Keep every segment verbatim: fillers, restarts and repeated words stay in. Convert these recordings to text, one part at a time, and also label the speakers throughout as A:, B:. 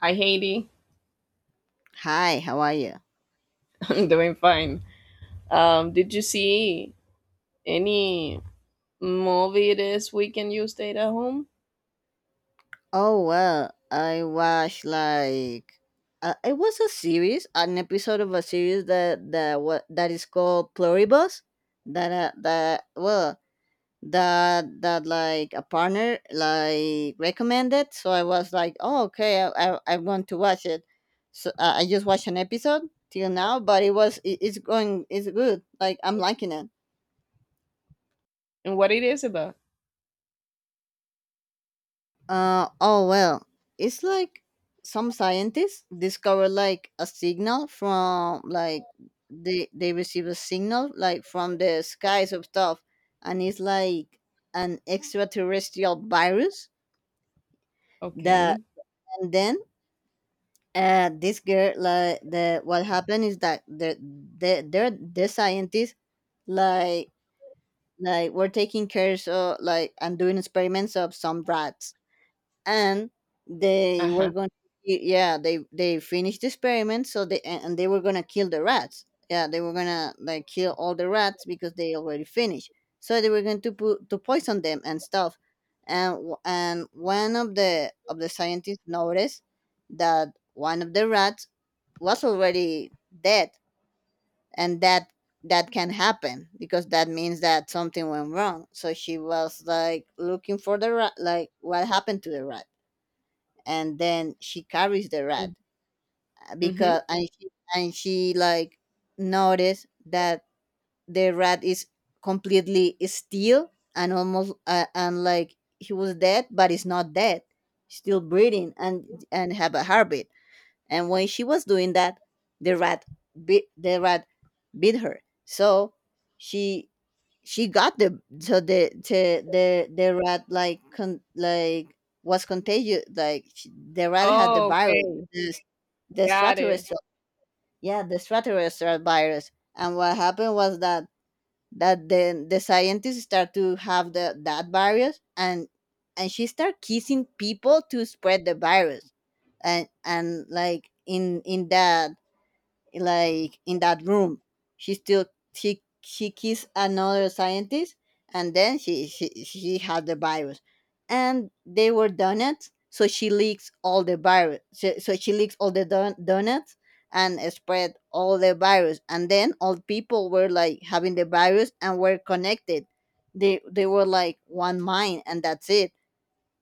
A: Hi, Haiti.
B: Hi, how are you?
A: I'm doing fine. Um, did you see any movie this weekend you stayed at home?
B: Oh well, I watched like uh, it was a series, an episode of a series that that what that is called Pluribus. That uh, that well that that like a partner like recommended. So I was like, oh okay, I I, I want to watch it. So uh, I just watched an episode till now, but it was it, it's going it's good. Like I'm liking it.
A: And what it is about?
B: Uh, oh well, it's like some scientists discover like a signal from like they they receive a signal like from the skies of stuff, and it's like an extraterrestrial virus that
A: Okay.
B: and then uh this girl like the what happened is that the the the, the scientists like like were taking care of like and doing experiments of some rats and they
A: Uh-huh.
B: were going to, yeah they they finished the experiment so they and and they were gonna kill the rats, yeah they were gonna like kill all the rats because they already finished, so they were going to put to poison them and stuff, and w- and one of the of the scientists noticed that one of the rats was already dead. And that that can happen because that means that something went wrong, so she was like looking for the rat like what happened to the rat, and then she carries the rat,
A: Mm.
B: uh,
A: Mm-hmm.
B: because and she, and she like noticed that the rat is completely still and almost uh, and like he was dead but it's not dead, still breathing and and have a heartbeat. And when she was doing that the rat bit the rat bit her, so she she got the, so the the the, the rat like con, like was contagious, like she, the rat had the
A: Oh,
B: virus,
A: okay.
B: the, the
A: Got it.
B: stratus, yeah the stratus virus. And what happened was that that then the scientists start to have the that virus, and and she start kissing people to spread the virus. And and like in in that, like in that room she still she she kissed another scientist, and then she she, she had the virus. And they were donuts, so she leaks all the virus, so, so she leaks all the don- donuts and spread all the virus. And then all people were like having the virus and were connected. They they were like one mind and that's it.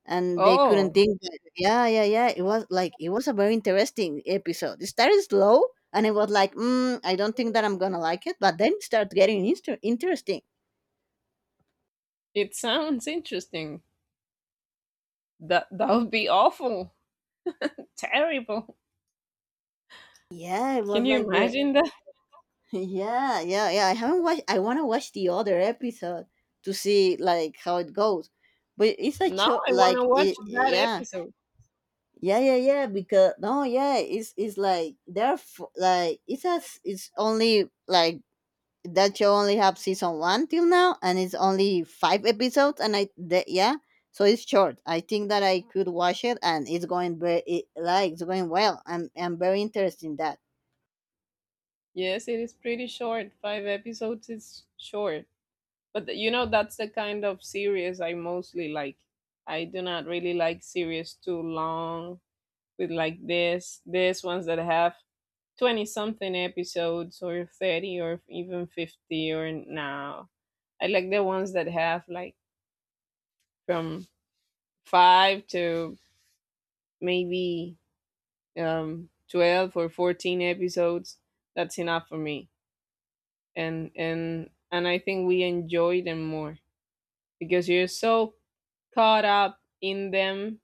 B: And they couldn't
A: Oh,
B: think that. Yeah, yeah, yeah, it was like it was a very interesting episode. It started slow and it was like mm, I don't think that I'm gonna like it, but then it started getting inter- interesting.
A: it sounds interesting. That that would be awful. Terrible.
B: Yeah, it
A: Can
B: was
A: you
B: like very.
A: imagine that?
B: Yeah, yeah, yeah, I haven't watched. I want to watch the other episode to see like how it goes, but it's a
A: Now
B: cho-
A: I want
B: like
A: to watch
B: it,
A: that
B: yeah.
A: episode.
B: Yeah, yeah, yeah, because no yeah it's it's like they're f- like it's as it's only like that show only have season one till now and it's only five episodes and i the, yeah. So it's short, I think that I could watch it, and it's going very it, like it's going well. i'm i'm very interested in that.
A: Yes, it is pretty short. Five episodes is short. But th- you know, that's the kind of series I mostly like. I do not really like series too long with like this, this ones that have twenty something episodes or thirty or even fifty or now. I like the ones that have like from five to maybe um twelve or fourteen episodes. That's enough for me. And and and I think we enjoy them more. Because you're so caught up in them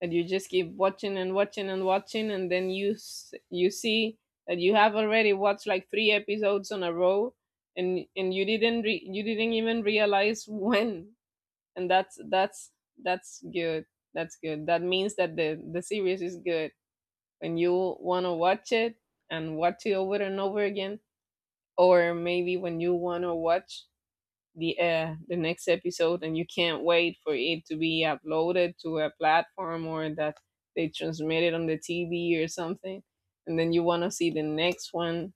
A: that you just keep watching and watching and watching, and then you s- you see that you have already watched like three episodes on a row, and and you didn't re- you didn't even realize, when, and that's that's that's good that's good That means that the the series is good when you want to watch it and watch it over and over again, or maybe when you want to watch the uh, the next episode and you can't wait for it to be uploaded to a platform, or that they transmit it on the T V or something, and then you want to see the next one.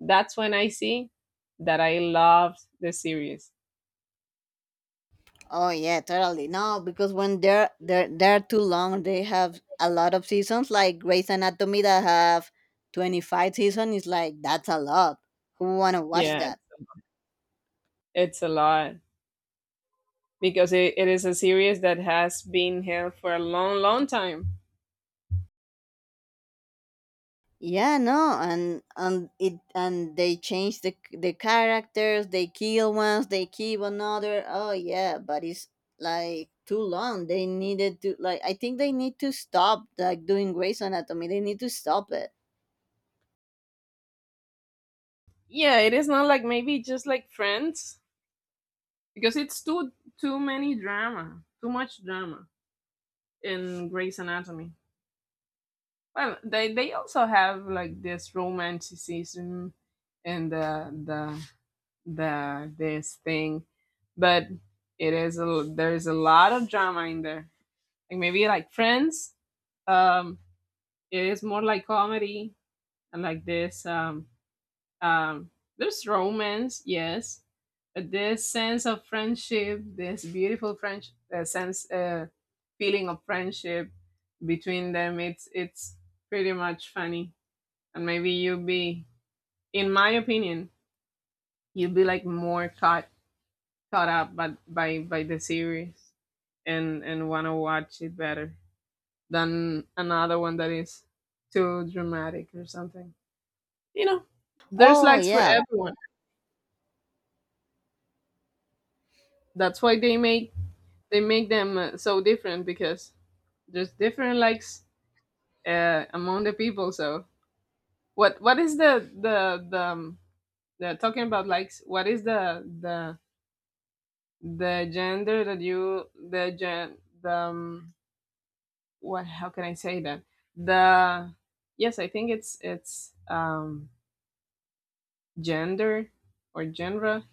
A: That's when I see that I loved the series.
B: Oh yeah, totally. No, because when they're they're they're too long they have a lot of seasons like Grey's Anatomy that have twenty-five seasons. Is like that's a lot, who want to watch
A: Yeah,
B: that.
A: it's a lot because it, it is a series that has been held for a long, long time.
B: Yeah, no, and and it and they change the the characters. They kill ones, they keep another. Oh yeah, but it's like too long. They needed to like, I think they need to stop like doing Grey's Anatomy. They need to stop it.
A: Yeah, it is not like maybe just like Friends, because it's too too many drama, too much drama in Grey's Anatomy. Well, they they also have like this romanticism and the the the this thing, but it is a there's a lot of drama in there. Like maybe like Friends, um, it is more like comedy, and like this um um there's romance, yes, but this sense of friendship, this beautiful French uh, sense uh feeling of friendship between them. It's it's pretty much funny, and maybe you'd be, in my opinion, you'd be like more caught caught up by by, by the series, and and want to watch it better than another one that is too dramatic or something. You know, there's
B: Oh
A: likes for
B: yeah.
A: everyone. That's why they make they make them uh, so different, because there's different likes uh, among the people. So what what is the the the um, the talking about likes? What is the the the gender that you the gen the um, what how can I say that the, yes, I think it's it's um gender or genre,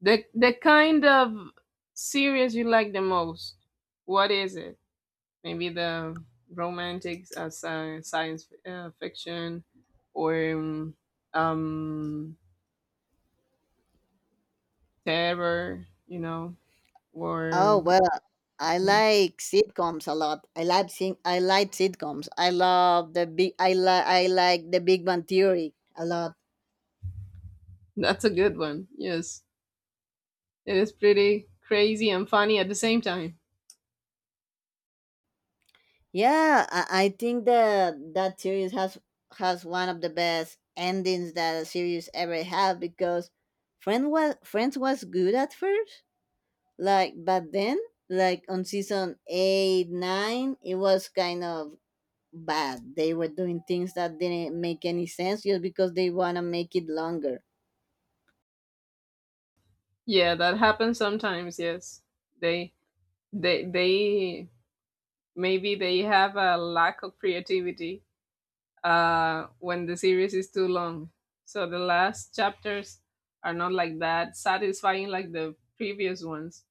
A: the the kind of series you like the most? What is it, maybe the romantics, uh, sci- science uh, fiction, or um, um terror, you know
B: Oh
A: or?
B: well, I like sitcoms a lot. I like sing. I like sitcoms. I love the big. I like I like the Big Bang Theory a lot.
A: That's a good one, yes. It is pretty crazy and funny at the same time.
B: Yeah, I, I think that that series has has one of the best endings that a series ever had, because Friend was Friends was good at first, like but then like on season eight nine it was kind of bad. They were doing things that didn't make any sense just because they wanna make it longer.
A: Yeah, that happens sometimes. Yes, they they they maybe they have a lack of creativity uh, when the series is too long. So the last chapters are not like that satisfying like the previous ones.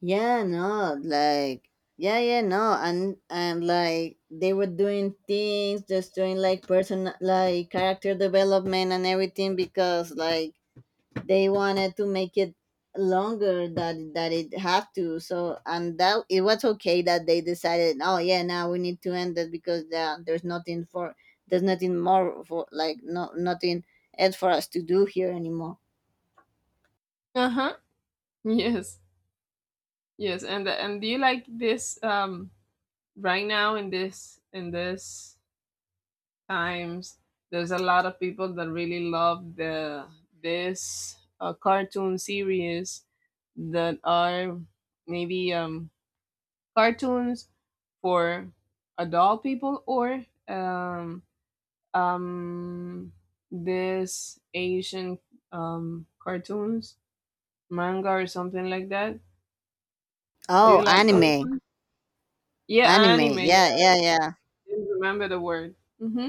B: Yeah, no, like yeah, yeah, no, and and like they were doing things, just doing like person, like character development and everything because like they wanted to make it longer that that it had to. So and that it was okay that they decided, oh yeah, now we need to end it because there, there's nothing for there's nothing more for like no nothing else for us to do here anymore.
A: Uh huh. Yes. Yes. And and do you like this, um right now, in this in this times? There's a lot of people that really love the this uh, cartoon series that are maybe um, cartoons for adult people, or um, um, this Asian um, cartoons, manga, or something like that. Do you
B: Oh,
A: like those
B: anime,
A: ones? Yeah,
B: anime,
A: anime. Yeah,
B: yeah,
A: I
B: yeah, yeah.
A: didn't remember the word. Hmm.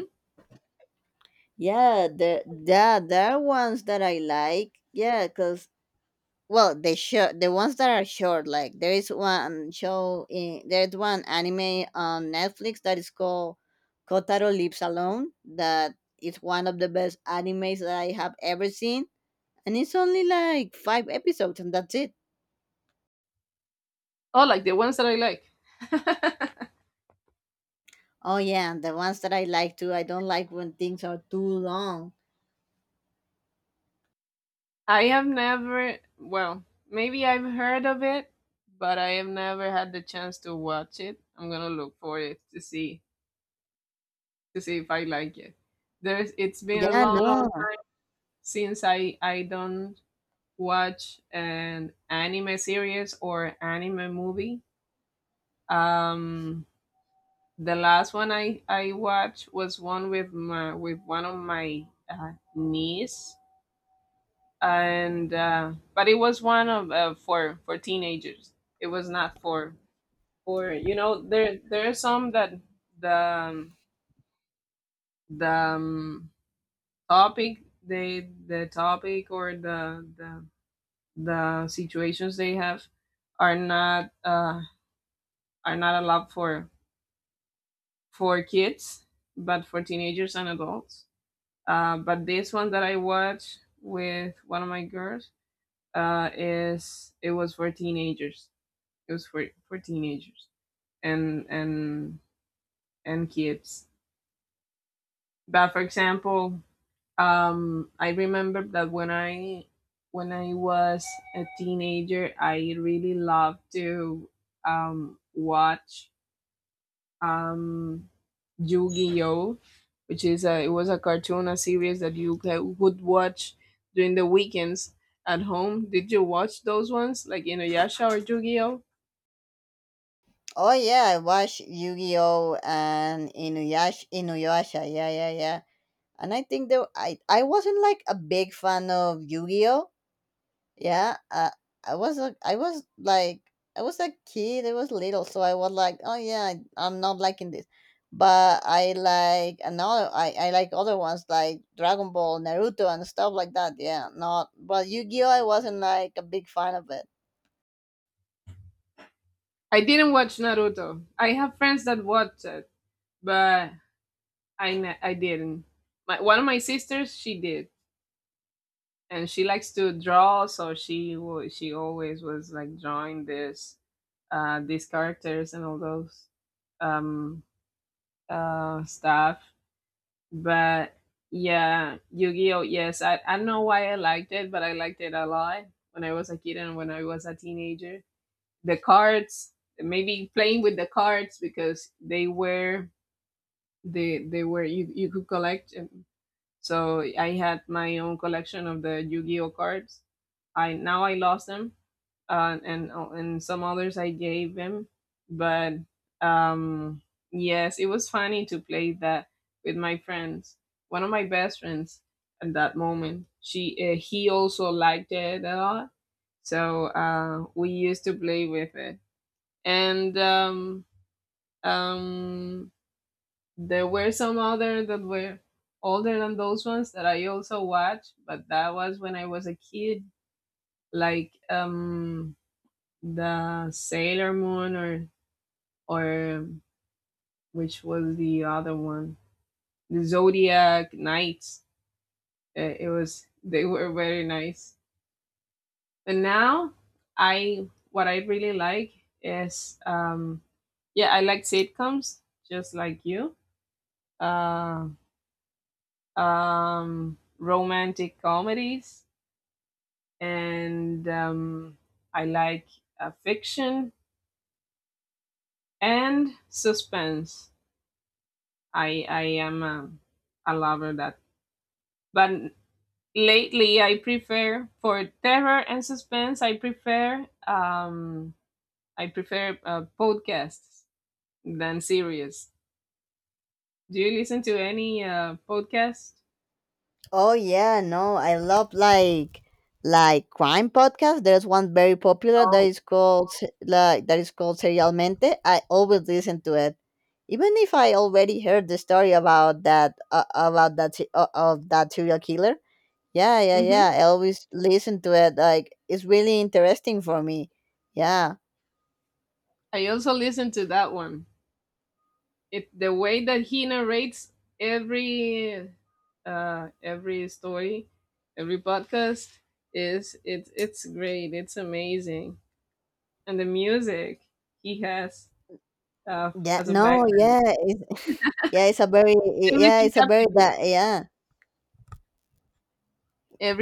B: Yeah, the yeah, there are ones that I like. Yeah, cause well, the short, the ones that are short. Like there is one show in there's one anime on Netflix that is called Kotaro Lives Alone. That is one of the best animes that I have ever seen, and it's only like five episodes, and that's it.
A: Oh, like the ones that I like.
B: Oh yeah, and the ones that I like too. I don't like when things are too long.
A: I have never, well, maybe I've heard of it, but I have never had the chance to watch it. I'm gonna look for it to see to see if I like it. There's it's been a
B: Yeah,
A: long, long
B: no.
A: time since I I don't watch an anime series or anime movie. Um, the last one I I watched was one with my with one of my uh, niece, and, uh, but it was one of, uh, for for teenagers. It was not for for you know, there there are some that the um, the um, topic they the topic, or the the the situations they have, are not uh, are not allowed for for kids, but for teenagers and adults. Uh, but this one that I watched with one of my girls, uh, is it was for teenagers. It was for for teenagers and and and kids. But for example, um, I remember that when I when I was a teenager, I really loved to um, watch um, Yu-Gi-Oh, which is a, it was a cartoon, a series that you ca- would watch during the weekends at home. Did you watch those ones, like Inuyasha or Yu-Gi-Oh?
B: Oh yeah, I watched Yu-Gi-Oh and Inuyasha. Inuyasha, yeah, yeah, yeah. And I think though I I wasn't like a big fan of Yu-Gi-Oh. Yeah, uh, I was a, I was like I was a kid. I was little, so I was like, oh yeah, I, I'm not liking this. But I like another. I I like other ones like Dragon Ball, Naruto, and stuff like that. Yeah, not but Yu-Gi-Oh. I wasn't like a big fan of it.
A: I didn't watch Naruto. I have friends that watch it, but I ne- I didn't. My, one of my sisters, she did, and she likes to draw, so she wa- she always was like drawing this, uh, these characters and all those, um, uh, stuff. But yeah, Yu-Gi-Oh. Yes, I I don't know why I liked it, but I liked it a lot when I was a kid and when I was a teenager. The cards, maybe playing with the cards because they were they they were you you could collect, um, so I had my own collection of the Yu-Gi-Oh cards. I now I lost them, uh, and oh, and some others I gave him. But, um, yes, it was funny to play that with my friends. One of my best friends at that moment, she uh, he also liked it a lot. So, uh, we used to play with it, and um, um, there were some other that were older than those ones that I also watched, but that was when I was a kid, like um the Sailor Moon, or or which was the other one, the Zodiac Knights. Uh, It was they were very nice. But now I what I really like is, um yeah, I like sitcoms just like you. Uh, um romantic comedies, and, um, I like, uh, fiction and suspense. I I am a, a lover that, but lately I prefer for terror and suspense. I prefer um I prefer uh, podcasts than series. Do you listen to any, uh, podcast?
B: Oh yeah, no, I love like like crime podcasts. There's one very popular that
A: Oh,
B: is called Se- like that is called Serialmente. I always listen to it, even if I already heard the story about that uh, about that se- uh, of that serial killer. Yeah, yeah,
A: hmm
B: yeah. I always listen to it. Like it's really interesting for me. Yeah,
A: I also listen to that one. It the way that he narrates every uh every story, every podcast, is it's it's great. It's amazing. And the music he has, uh,
B: yeah.
A: as a
B: No,
A: background.
B: yeah, it's, yeah. It's a very yeah.
A: Everything
B: It's a very
A: captivates
B: that
A: you.
B: yeah.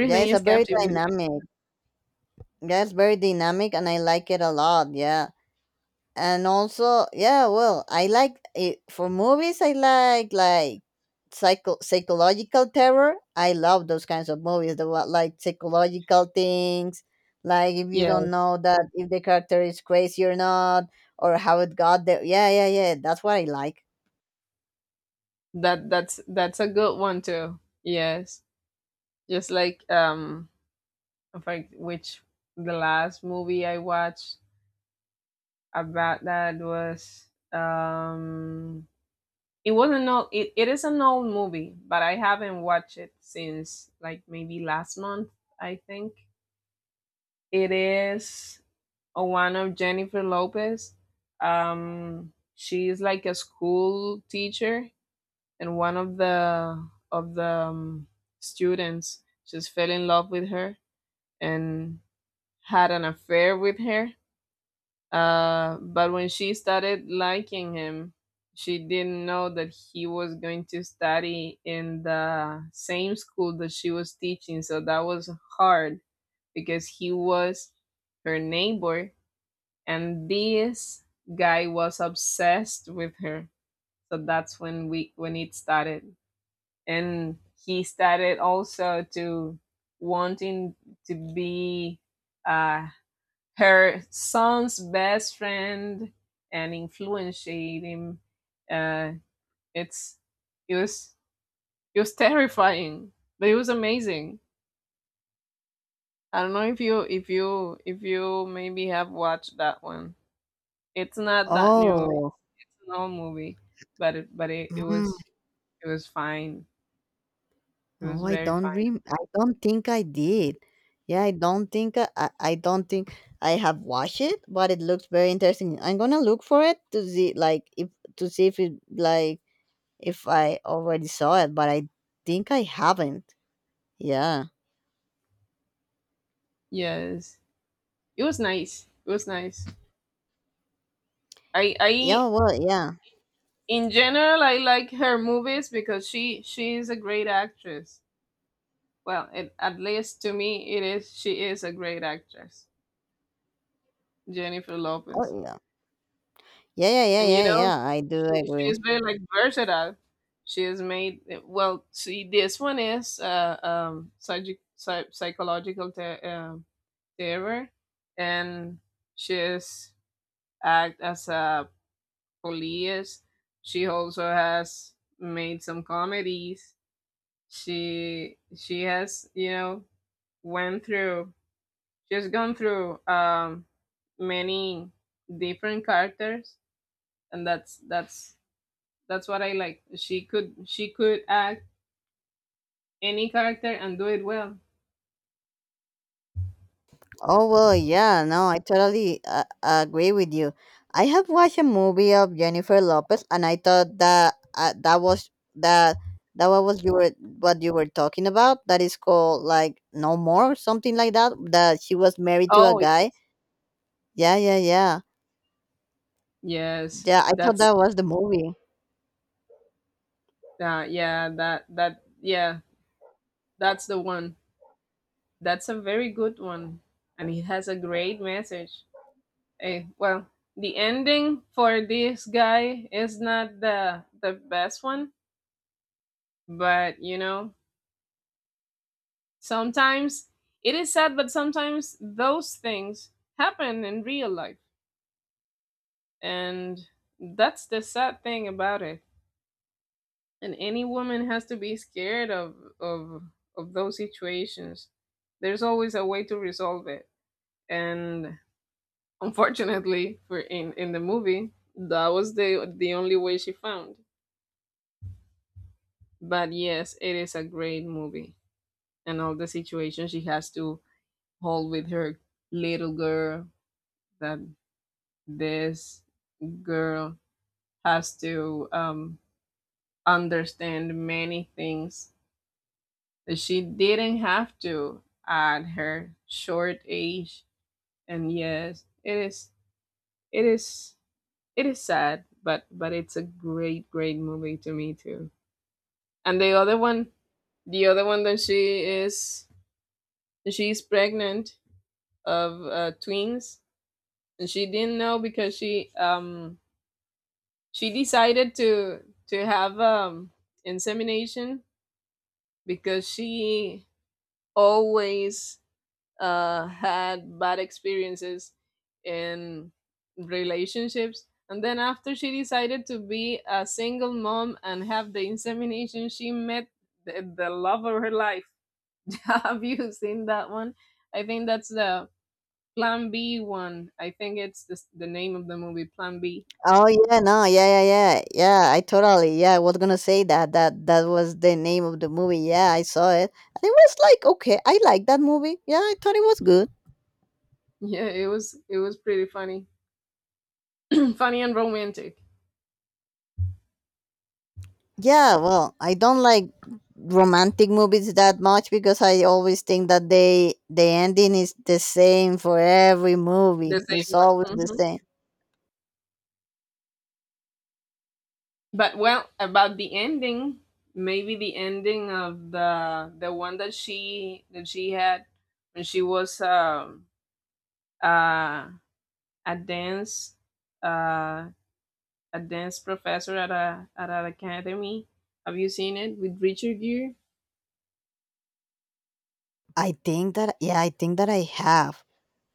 B: Yeah, it's
A: is
B: a very
A: captivating.
B: dynamic. That's very dynamic and I like it a lot. Yeah. And also, yeah, well, I like it for movies. I like like psycho psychological terror. I love those kinds of movies. The wa- like psychological things, like if you don't
A: Yes.
B: know that if the character is crazy or not, or how it got there. Yeah, yeah, yeah. That's what I like.
A: That that's that's a good one too. Yes. Just like, um in fact, which, the last movie I watched about that was, um it wasn't, no, it, it is an old movie, but I haven't watched it since like maybe last month, I think. It is a one of Jennifer Lopez. Um she's like a school teacher, and one of the of the um, students just fell in love with her and had an affair with her. Uh, but when she started liking him, she didn't know that he was going to study in the same school that she was teaching. So that was hard, because he was her neighbor, and this guy was obsessed with her. So that's when we when it started, and he started also to wanting to be, uh, her son's best friend, and influenced him. Uh, it's it was it was terrifying, but it was amazing. I don't know if you if you if you maybe have watched that one. It's not that new.
B: Oh.
A: It's an old movie, but it, but it, it was it was fine. It
B: Oh,
A: was
B: I
A: very
B: don't
A: fine.
B: rem- I don't think I did. Yeah, I don't think I, I I don't think I have watched it, but it looks very interesting. I'm gonna look for it to see like if to see if it like if I already saw it, but I think I haven't. Yeah.
A: Yes, it was nice. It was nice. I
B: Yeah.
A: I
B: Well. Yeah.
A: in general I like her movies, because she she is a great actress. Well, it, at least to me, it is. She is a great actress, Jennifer
B: Oh
A: Lopez,
B: yeah. Yeah. Yeah. Yeah.
A: and, you
B: Yeah.
A: know,
B: Yeah. I do
A: she she is
B: agree.
A: very like versatile. She has made, well, see, this one is, uh, um psych- psych- psychological, ter- um terror, and she is act as a police. She also has made some comedies. She she has, you know went through, she's gone through um, many different characters, and that's that's that's what I like. She could she could act any character and do it well.
B: Oh, well, yeah, no, I totally uh, agree with you. I have watched a movie of Jennifer Lopez, and I thought that uh, that was that that what was you were what you were talking about. That is called like No More, something like that. That she was married to a
A: Oh
B: guy.
A: yes,
B: Yeah, yeah, yeah,
A: yes,
B: yeah. I thought
A: that's,
B: that was the movie.
A: uh, yeah, that that, yeah, that's the one. That's a very good one, and it has a great message. Eh, well, the ending for this guy is not the the best one, but you know Sometimes it is sad, but sometimes those things happen in real life. And that's the sad thing about it. And any woman has to be scared of of of those situations. There's always a way to resolve it. And unfortunately for in, in the movie, that was the the only way she found. But yes, it is a great movie. And all the situations she has to hold with her little girl, that this girl has to um, understand many things that she didn't have to at her short age. And yes, it is it is it is sad, but but it's a great great movie to me too. And the other one, the other one that she is, she's pregnant of uh, twins, and she didn't know because she um she decided to to have um insemination because she always uh, had bad experiences in relationships. And then, after she decided to be a single mom and have the insemination, she met the, the love of her life. Have you seen that one? I think that's the Plan B one. I think it's the, the name of the movie, Plan B.
B: Oh yeah, no, yeah, yeah, yeah, yeah. I totally, yeah. I was gonna say that that that was the name of the movie. Yeah, I saw it. And it was like okay, I like that movie. Yeah, I thought it was good.
A: Yeah, it was it was pretty funny, funny and romantic.
B: Yeah, well, I don't like romantic movies that much because I always think that they the ending is the same for every movie.
A: The same
B: It's
A: one.
B: always the
A: Mm-hmm.
B: same.
A: But well, about the ending, maybe the ending of the the one that she that she had when she was um uh a dance uh a dance professor at a, at an academy. Have you seen it with Richard Gere?
B: I think that yeah, I think that I have.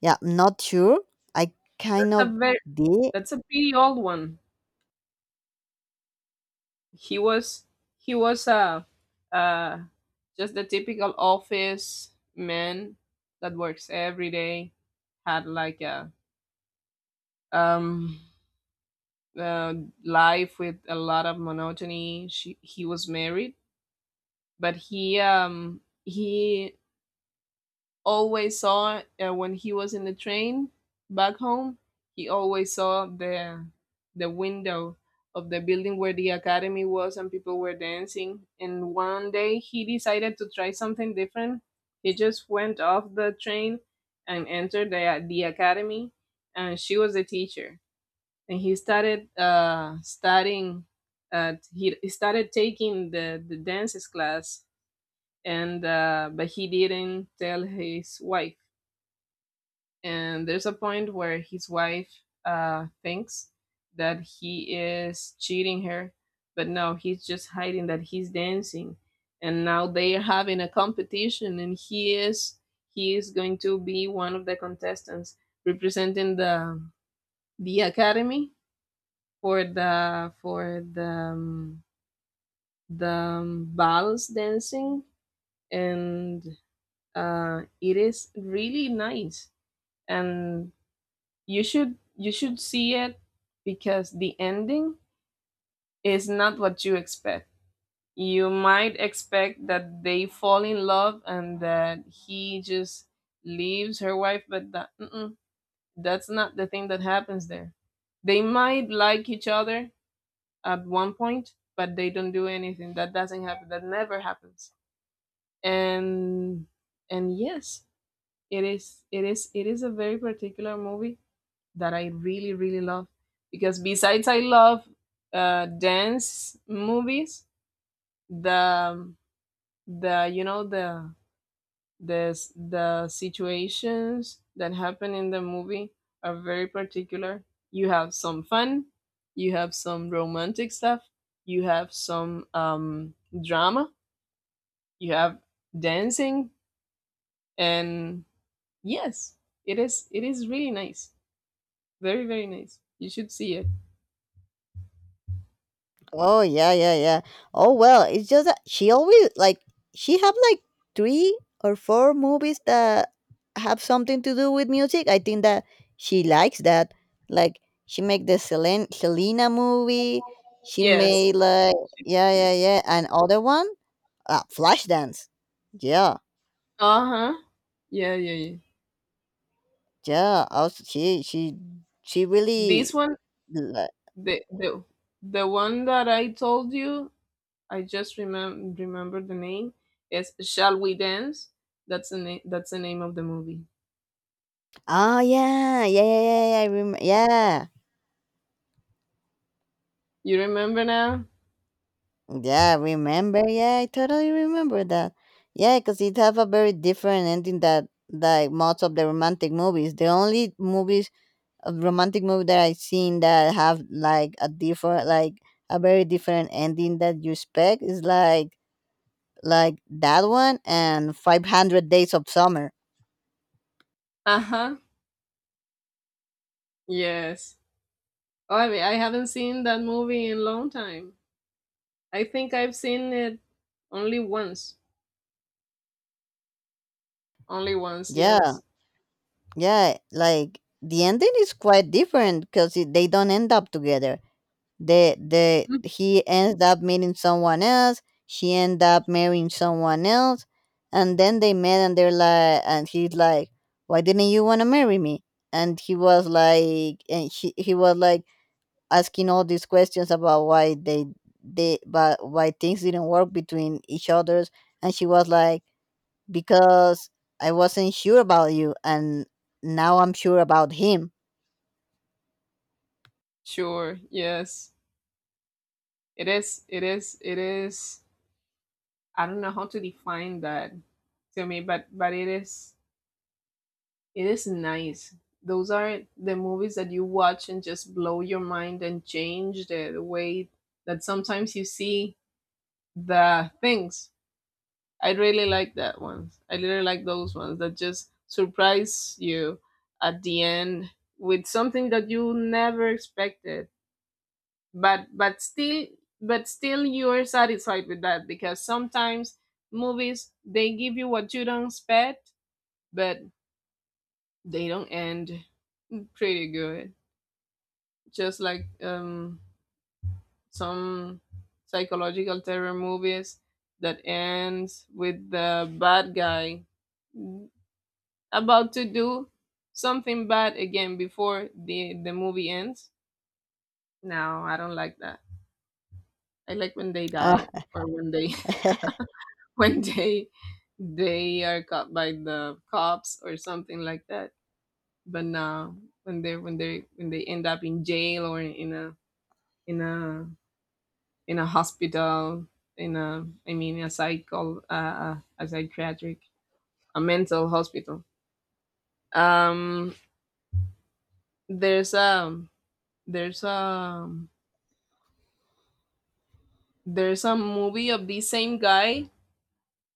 B: Yeah, I'm not sure. I kind
A: That's
B: of
A: a very
B: did.
A: that's a pretty old one. He was, he was a uh uh just the typical office man that works every day. Had like a um uh, life with a lot of monotony. She, he was married, but he um he always saw, uh, when he was in the train back home. He always saw the the window of the building where the academy was and people were dancing. And one day he decided to try something different. He just went off the train and entered the the academy, and she was the teacher and he started uh, studying. Uh, he, he started taking the the dances class, and uh, but he didn't tell his wife. And there's a point where his wife uh, thinks that he is cheating her, but no, he's just hiding that he's dancing. And now they are having a competition, and he is, he is going to be one of the contestants representing the the academy for the for the um, the um, vals dancing, and uh, it is really nice, and you should, you should see it because the ending is not what you expect. You might expect that they fall in love and that he just leaves her wife, but that, mm-mm, that's not the thing that happens there. They might like each other at one point, but they don't do anything. That doesn't happen. That never happens. And and yes, it is it is it is a very particular movie that I really really love, because besides I love uh, dance movies, the the you know the this, the situations that happen in the movie are very particular. You have some fun, you have some romantic stuff, you have some um, drama, you have dancing, and yes, it is it is really nice, very very nice. You should see it.
B: Oh yeah, yeah, yeah. Oh well, it's just that she always like she have like three or four movies that have something to do with music. I think that she likes that. Like she make the Selena, Selena movie. She
A: Yes.
B: made like yeah, yeah, yeah, and other one, uh, Flashdance. Yeah,
A: Uh huh. Yeah, yeah, yeah.
B: yeah. Also, she she she
A: This
B: really.
A: one,
B: li-
A: the the the one that I told you, I just remem- remember the name. It's Shall We Dance? That's the name. That's the name of the movie.
B: Oh yeah, yeah, yeah, yeah. Yeah, I remember. Yeah.
A: You remember now?
B: Yeah, remember? Yeah, I totally remember that. Yeah, because it have a very different ending that like most of the romantic movies. The only movies uh, romantic movie that I've seen that have like a different like a very different ending that you expect is like like that one and five hundred days of summer.
A: Uh huh. Yes. Oh, I mean, I haven't seen that movie in a long time. I think I've seen it only once. Only once.
B: Yeah,
A: Yes.
B: yeah, like the ending is quite different because they don't end up together. the the
A: Mm.
B: he ends up meeting someone else, she end up marrying someone else, and then they met and they're like and he's like why didn't you want to marry me. And he was like and she, he was like asking all these questions about why they they but why things didn't work between each others. And she was like because I wasn't sure about you and now I'm sure about him.
A: Sure. Yes. It is. It is. It is. I don't know how to define that to me, but but it is, it is nice. Those are the movies that you watch and just blow your mind and change the, the way that sometimes you see the things. I really like that ones. I really like those ones that just surprise you at the end with something that you never expected. But but still but still you are satisfied with that because sometimes movies, they give you what you don't expect, but they don't end pretty good. Just like um, some psychological terror movies that ends with the bad guy about to do something bad again before the the movie ends. No, I don't like that. I like when they
B: Uh,
A: die or when they when they they are caught by the cops or something like that. But no, when they when they when they end up in jail or in a, in a in a hospital, in a, I mean, a psycho, uh, a psychiatric, a mental hospital. Um, there's a, there's a, there's a movie of the same guy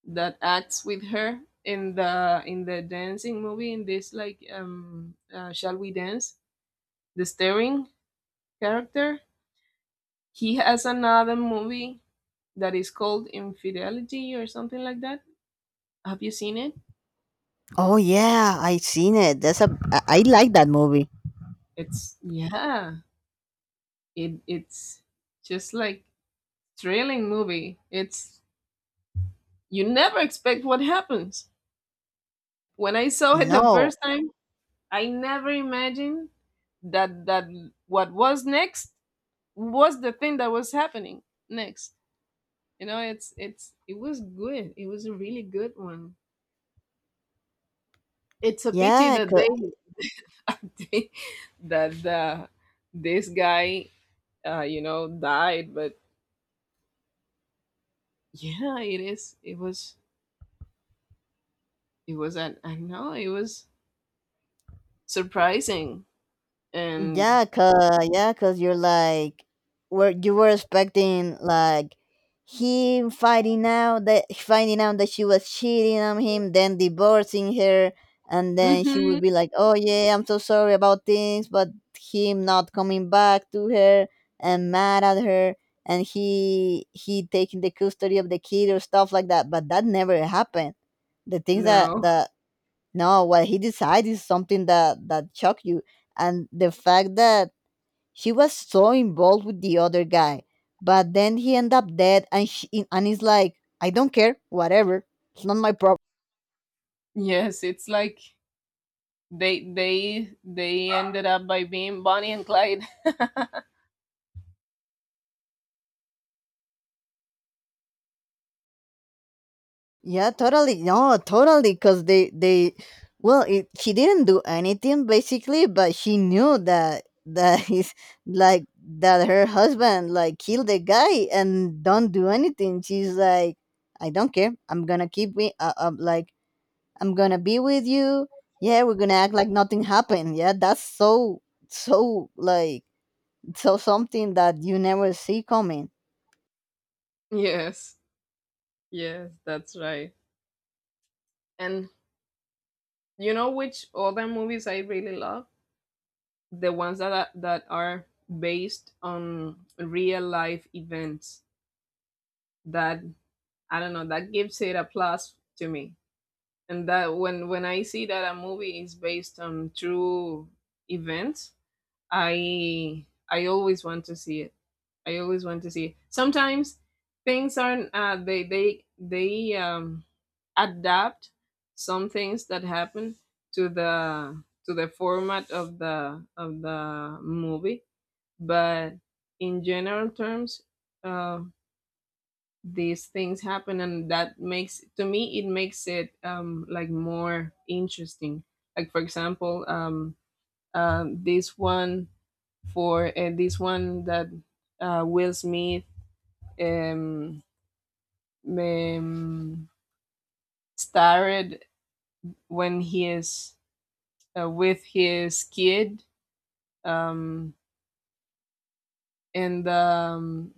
A: that acts with her in the in the dancing movie in this, like, um uh, Shall We Dance, the staring character. He has another movie that is called Infidelity or something like that. Have you seen it?
B: oh yeah I seen it, that's a i I like that movie.
A: It's, yeah, It it's just like thrilling movie. It's, you never expect what happens. When I saw it the
B: No.
A: first time, I never imagined that that what was next was the thing that was happening next. You know, it's it's it was good. It was a really good one. It's a pity
B: Yeah,
A: that they
B: cause,
A: they- that uh, this guy, uh, you know, died, but yeah, it is. It was. It was an. I know it was surprising and
B: yeah, cause, yeah, cause you're like, were you were expecting like him finding out that finding out that she was cheating on him, then divorcing her, and then she
A: Mm-hmm.
B: would be like, "Oh yeah, I'm so sorry about things," but him not coming back to her and mad at her, and he he taking the custody of the kid or stuff like that. But that never happened. The things that
A: No,
B: the No, what he decides is something that that shocked you, and the fact that she was so involved with the other guy, but then he ended up dead, and she, and he's like, I don't care, whatever, it's not my problem.
A: yes, it's like they, they they ended up by being Bonnie and Clyde.
B: Yeah, totally. No, totally. Because they, they, well, it, she didn't do anything basically, but she knew that that he's like that her husband like killed the guy and don't do anything. She's like, I don't care. I'm gonna keep me. Uh, um, like I'm gonna be with you. Yeah, we're gonna act like nothing happened. Yeah, that's so so like so something that you never see coming.
A: Yes, yes, that's right. And, you know which other movies I really love? The ones that are, that are based on real life events. That, I don't know, that gives it a plus to me. And that when when I see that a movie is based on true events, I I always want to see it. I always want to see it. Sometimes things aren't, uh, they they they um, adapt some things that happen to the to the format of the of the movie, but in general terms, uh, these things happen, and that makes, to me, it makes it um, like more interesting. Like for example, um, um, this one, for uh, this one that uh, Will Smith um, um, starred, when he is uh, with his kid, um, and um,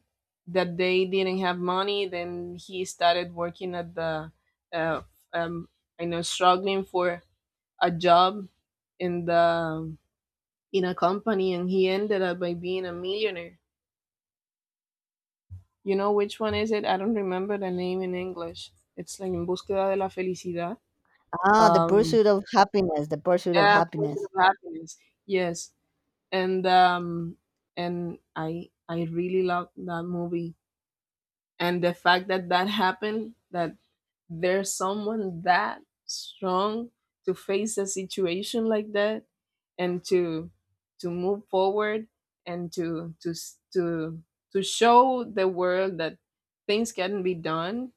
A: that they didn't have money. Then he started working at the, uh, um, I know, struggling for a job in the, in a company, and he ended up by being a millionaire. You know which one is it? I don't remember the name in English. It's like En Búsqueda de la Felicidad.
B: Ah, the
A: Um,
B: pursuit of happiness, the pursuit of
A: yeah, Pursuit
B: happiness.
A: of Happiness. Yes, and um, and I I really loved that movie, and the fact that that happened, that there's someone that strong to face a situation like that, and to to move forward, and to to s- to to show the world that things can be done.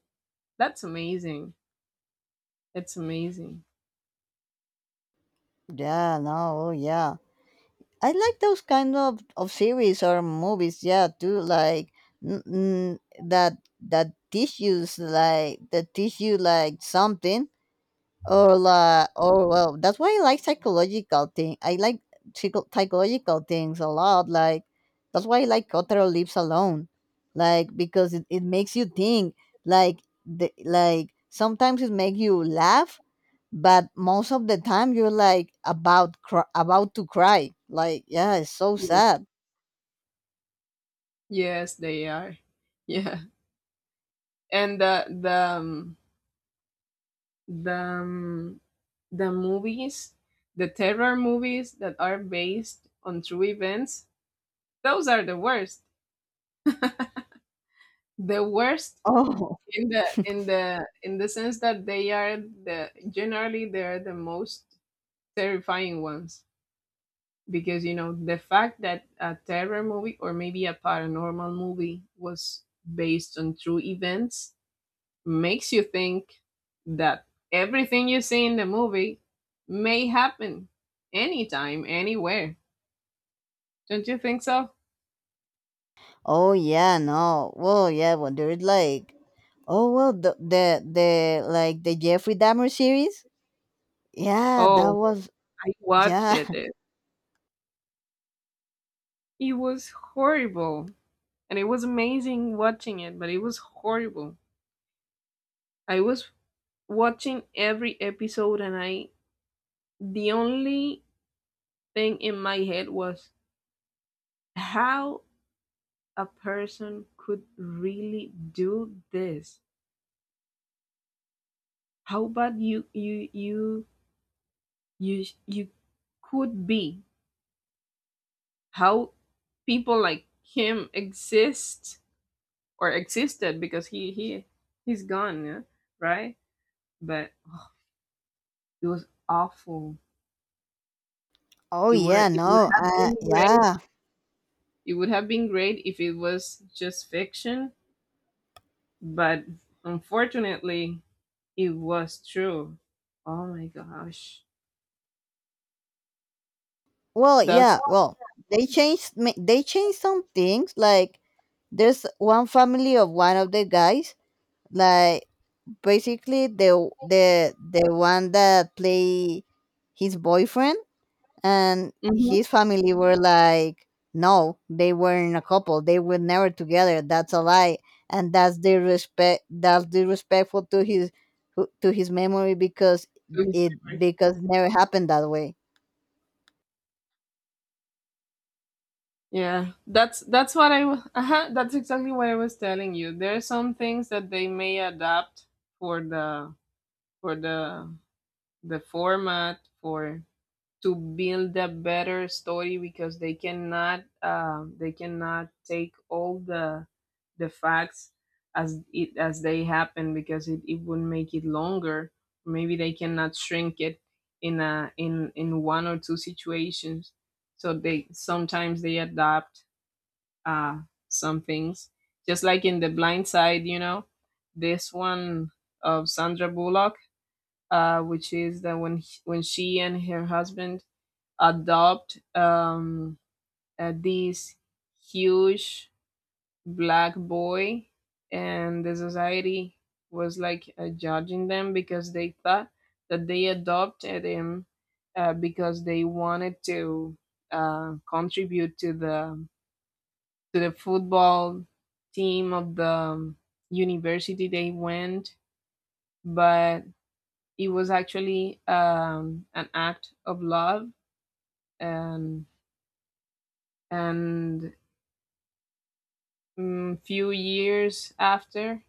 A: That's amazing. It's amazing.
B: Yeah, no, oh, yeah. I like those kind of, of series or movies, yeah, too. Like n- n- that that teach you like that teach you like something or la or well, that's why I like psychological thing I like psycho- psychological things a lot. Like that's why I like cultural lives alone, like because it, it makes you think, like the, like sometimes it make you laugh, but most of the time you're like about cr- about to cry. Like yeah, it's so
A: Yes.
B: sad.
A: Yes, they are. Yeah. And the the um, the um, the movies, the terror movies that are based on true events, those are the worst. The worst
B: oh
A: in the in the in the sense that they are the, generally they are the most terrifying ones. Because you know, the fact that a terror movie or maybe a paranormal movie was based on true events makes you think that everything you see in the movie may happen anytime, anywhere. Don't you think so?
B: oh yeah no well yeah When there's like, oh well the the, the like the Jeffrey Dahmer series. Yeah, that
A: Oh,
B: was,
A: I watched
B: yeah.
A: it. It, it was horrible, and it was amazing watching it, but it was horrible. I was watching every episode, and I the only thing in my head was how a person could really do this. How bad you you you you you could be. How people like him exist or existed, because he he he's gone, yeah? Right. But it was awful.
B: Oh
A: It would
B: yeah,
A: it would
B: no.
A: have
B: Uh
A: been great,
B: yeah.
A: it would have been great if it was just fiction, but unfortunately it was true. Oh my gosh.
B: Well,
A: That's
B: yeah, well, they changed ma- they changed some things. Like there's one family of one of the guys, like basically the the the one that play his boyfriend, and
A: Mhm.
B: his family were like, no, they weren't a couple, they were never together, that's a lie. And that's disrespect that's disrespectful to his who- to his memory, because
A: to his
B: it
A: favor.
B: because it never happened that way.
A: Yeah, that's that's what I wa- uh-huh, that's exactly what I was telling you. There are some things that they may adapt for the for the the format for to build a better story, because they cannot, um, they cannot take all the the facts as it as they happen, because it, it would make it longer. Maybe they cannot shrink it in a, in in one or two situations. So, they sometimes they adapt uh some things, just like in The Blind Side, you know, this one of Sandra Bullock, uh which is that when when she and her husband adopt um, uh, this huge black boy, and the society was like, uh, judging them, because they thought that they adopted him uh, because they wanted to uh, contribute to the to the football team of the um, university they went, but it was actually um, an act of love, and and mm, few years after,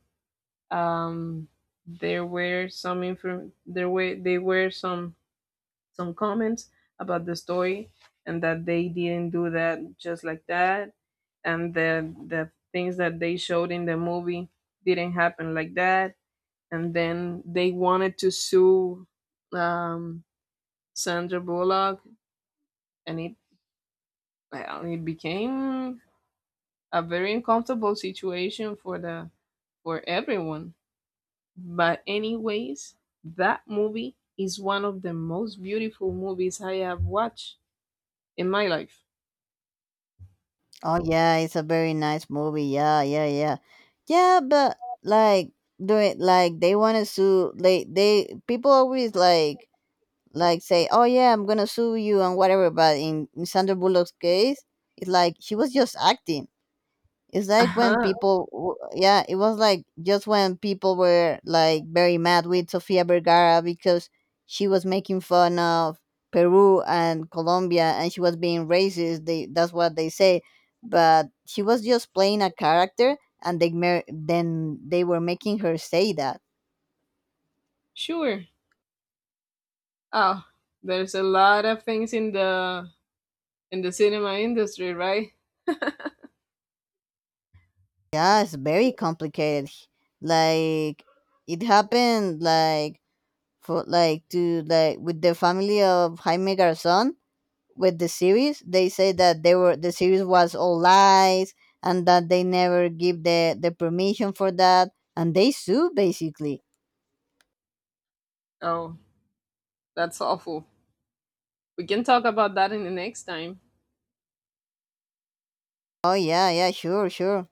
A: um, there were some inform- there were there were some some comments about the story, and that they didn't do that just like that, and the the things that they showed in the movie didn't happen like that, and then they wanted to sue um, Sandra Bullock, and it, well, it became a very uncomfortable situation for the, for everyone. But anyways, that movie is one of the most beautiful movies I have watched in my life.
B: Oh yeah, it's a very nice movie. Yeah, yeah, yeah. Yeah, but like, do it, like they want to sue. they they people always like like say, oh yeah, I'm gonna sue you and whatever, but in, in Sandra Bullock's case, it's like she was just acting. It's like when
A: Uh-huh.
B: people, w- yeah, it was like just when people were like very mad with Sofia Vergara because she was making fun of Peru and Colombia and she was being racist. They, that's what they say, but she was just playing a character, and they mer- then they were making her say that.
A: Sure. Oh, there's a lot of things in the in the cinema industry, right?
B: Yeah, it's very complicated. Like it happened like for like to like with the family of Jaime Garzon with the series. They say that they were the series was all lies and that they never give the the permission for that, and they sue basically.
A: Oh, that's awful. We can talk about that in the next time.
B: Oh yeah, yeah, sure, sure.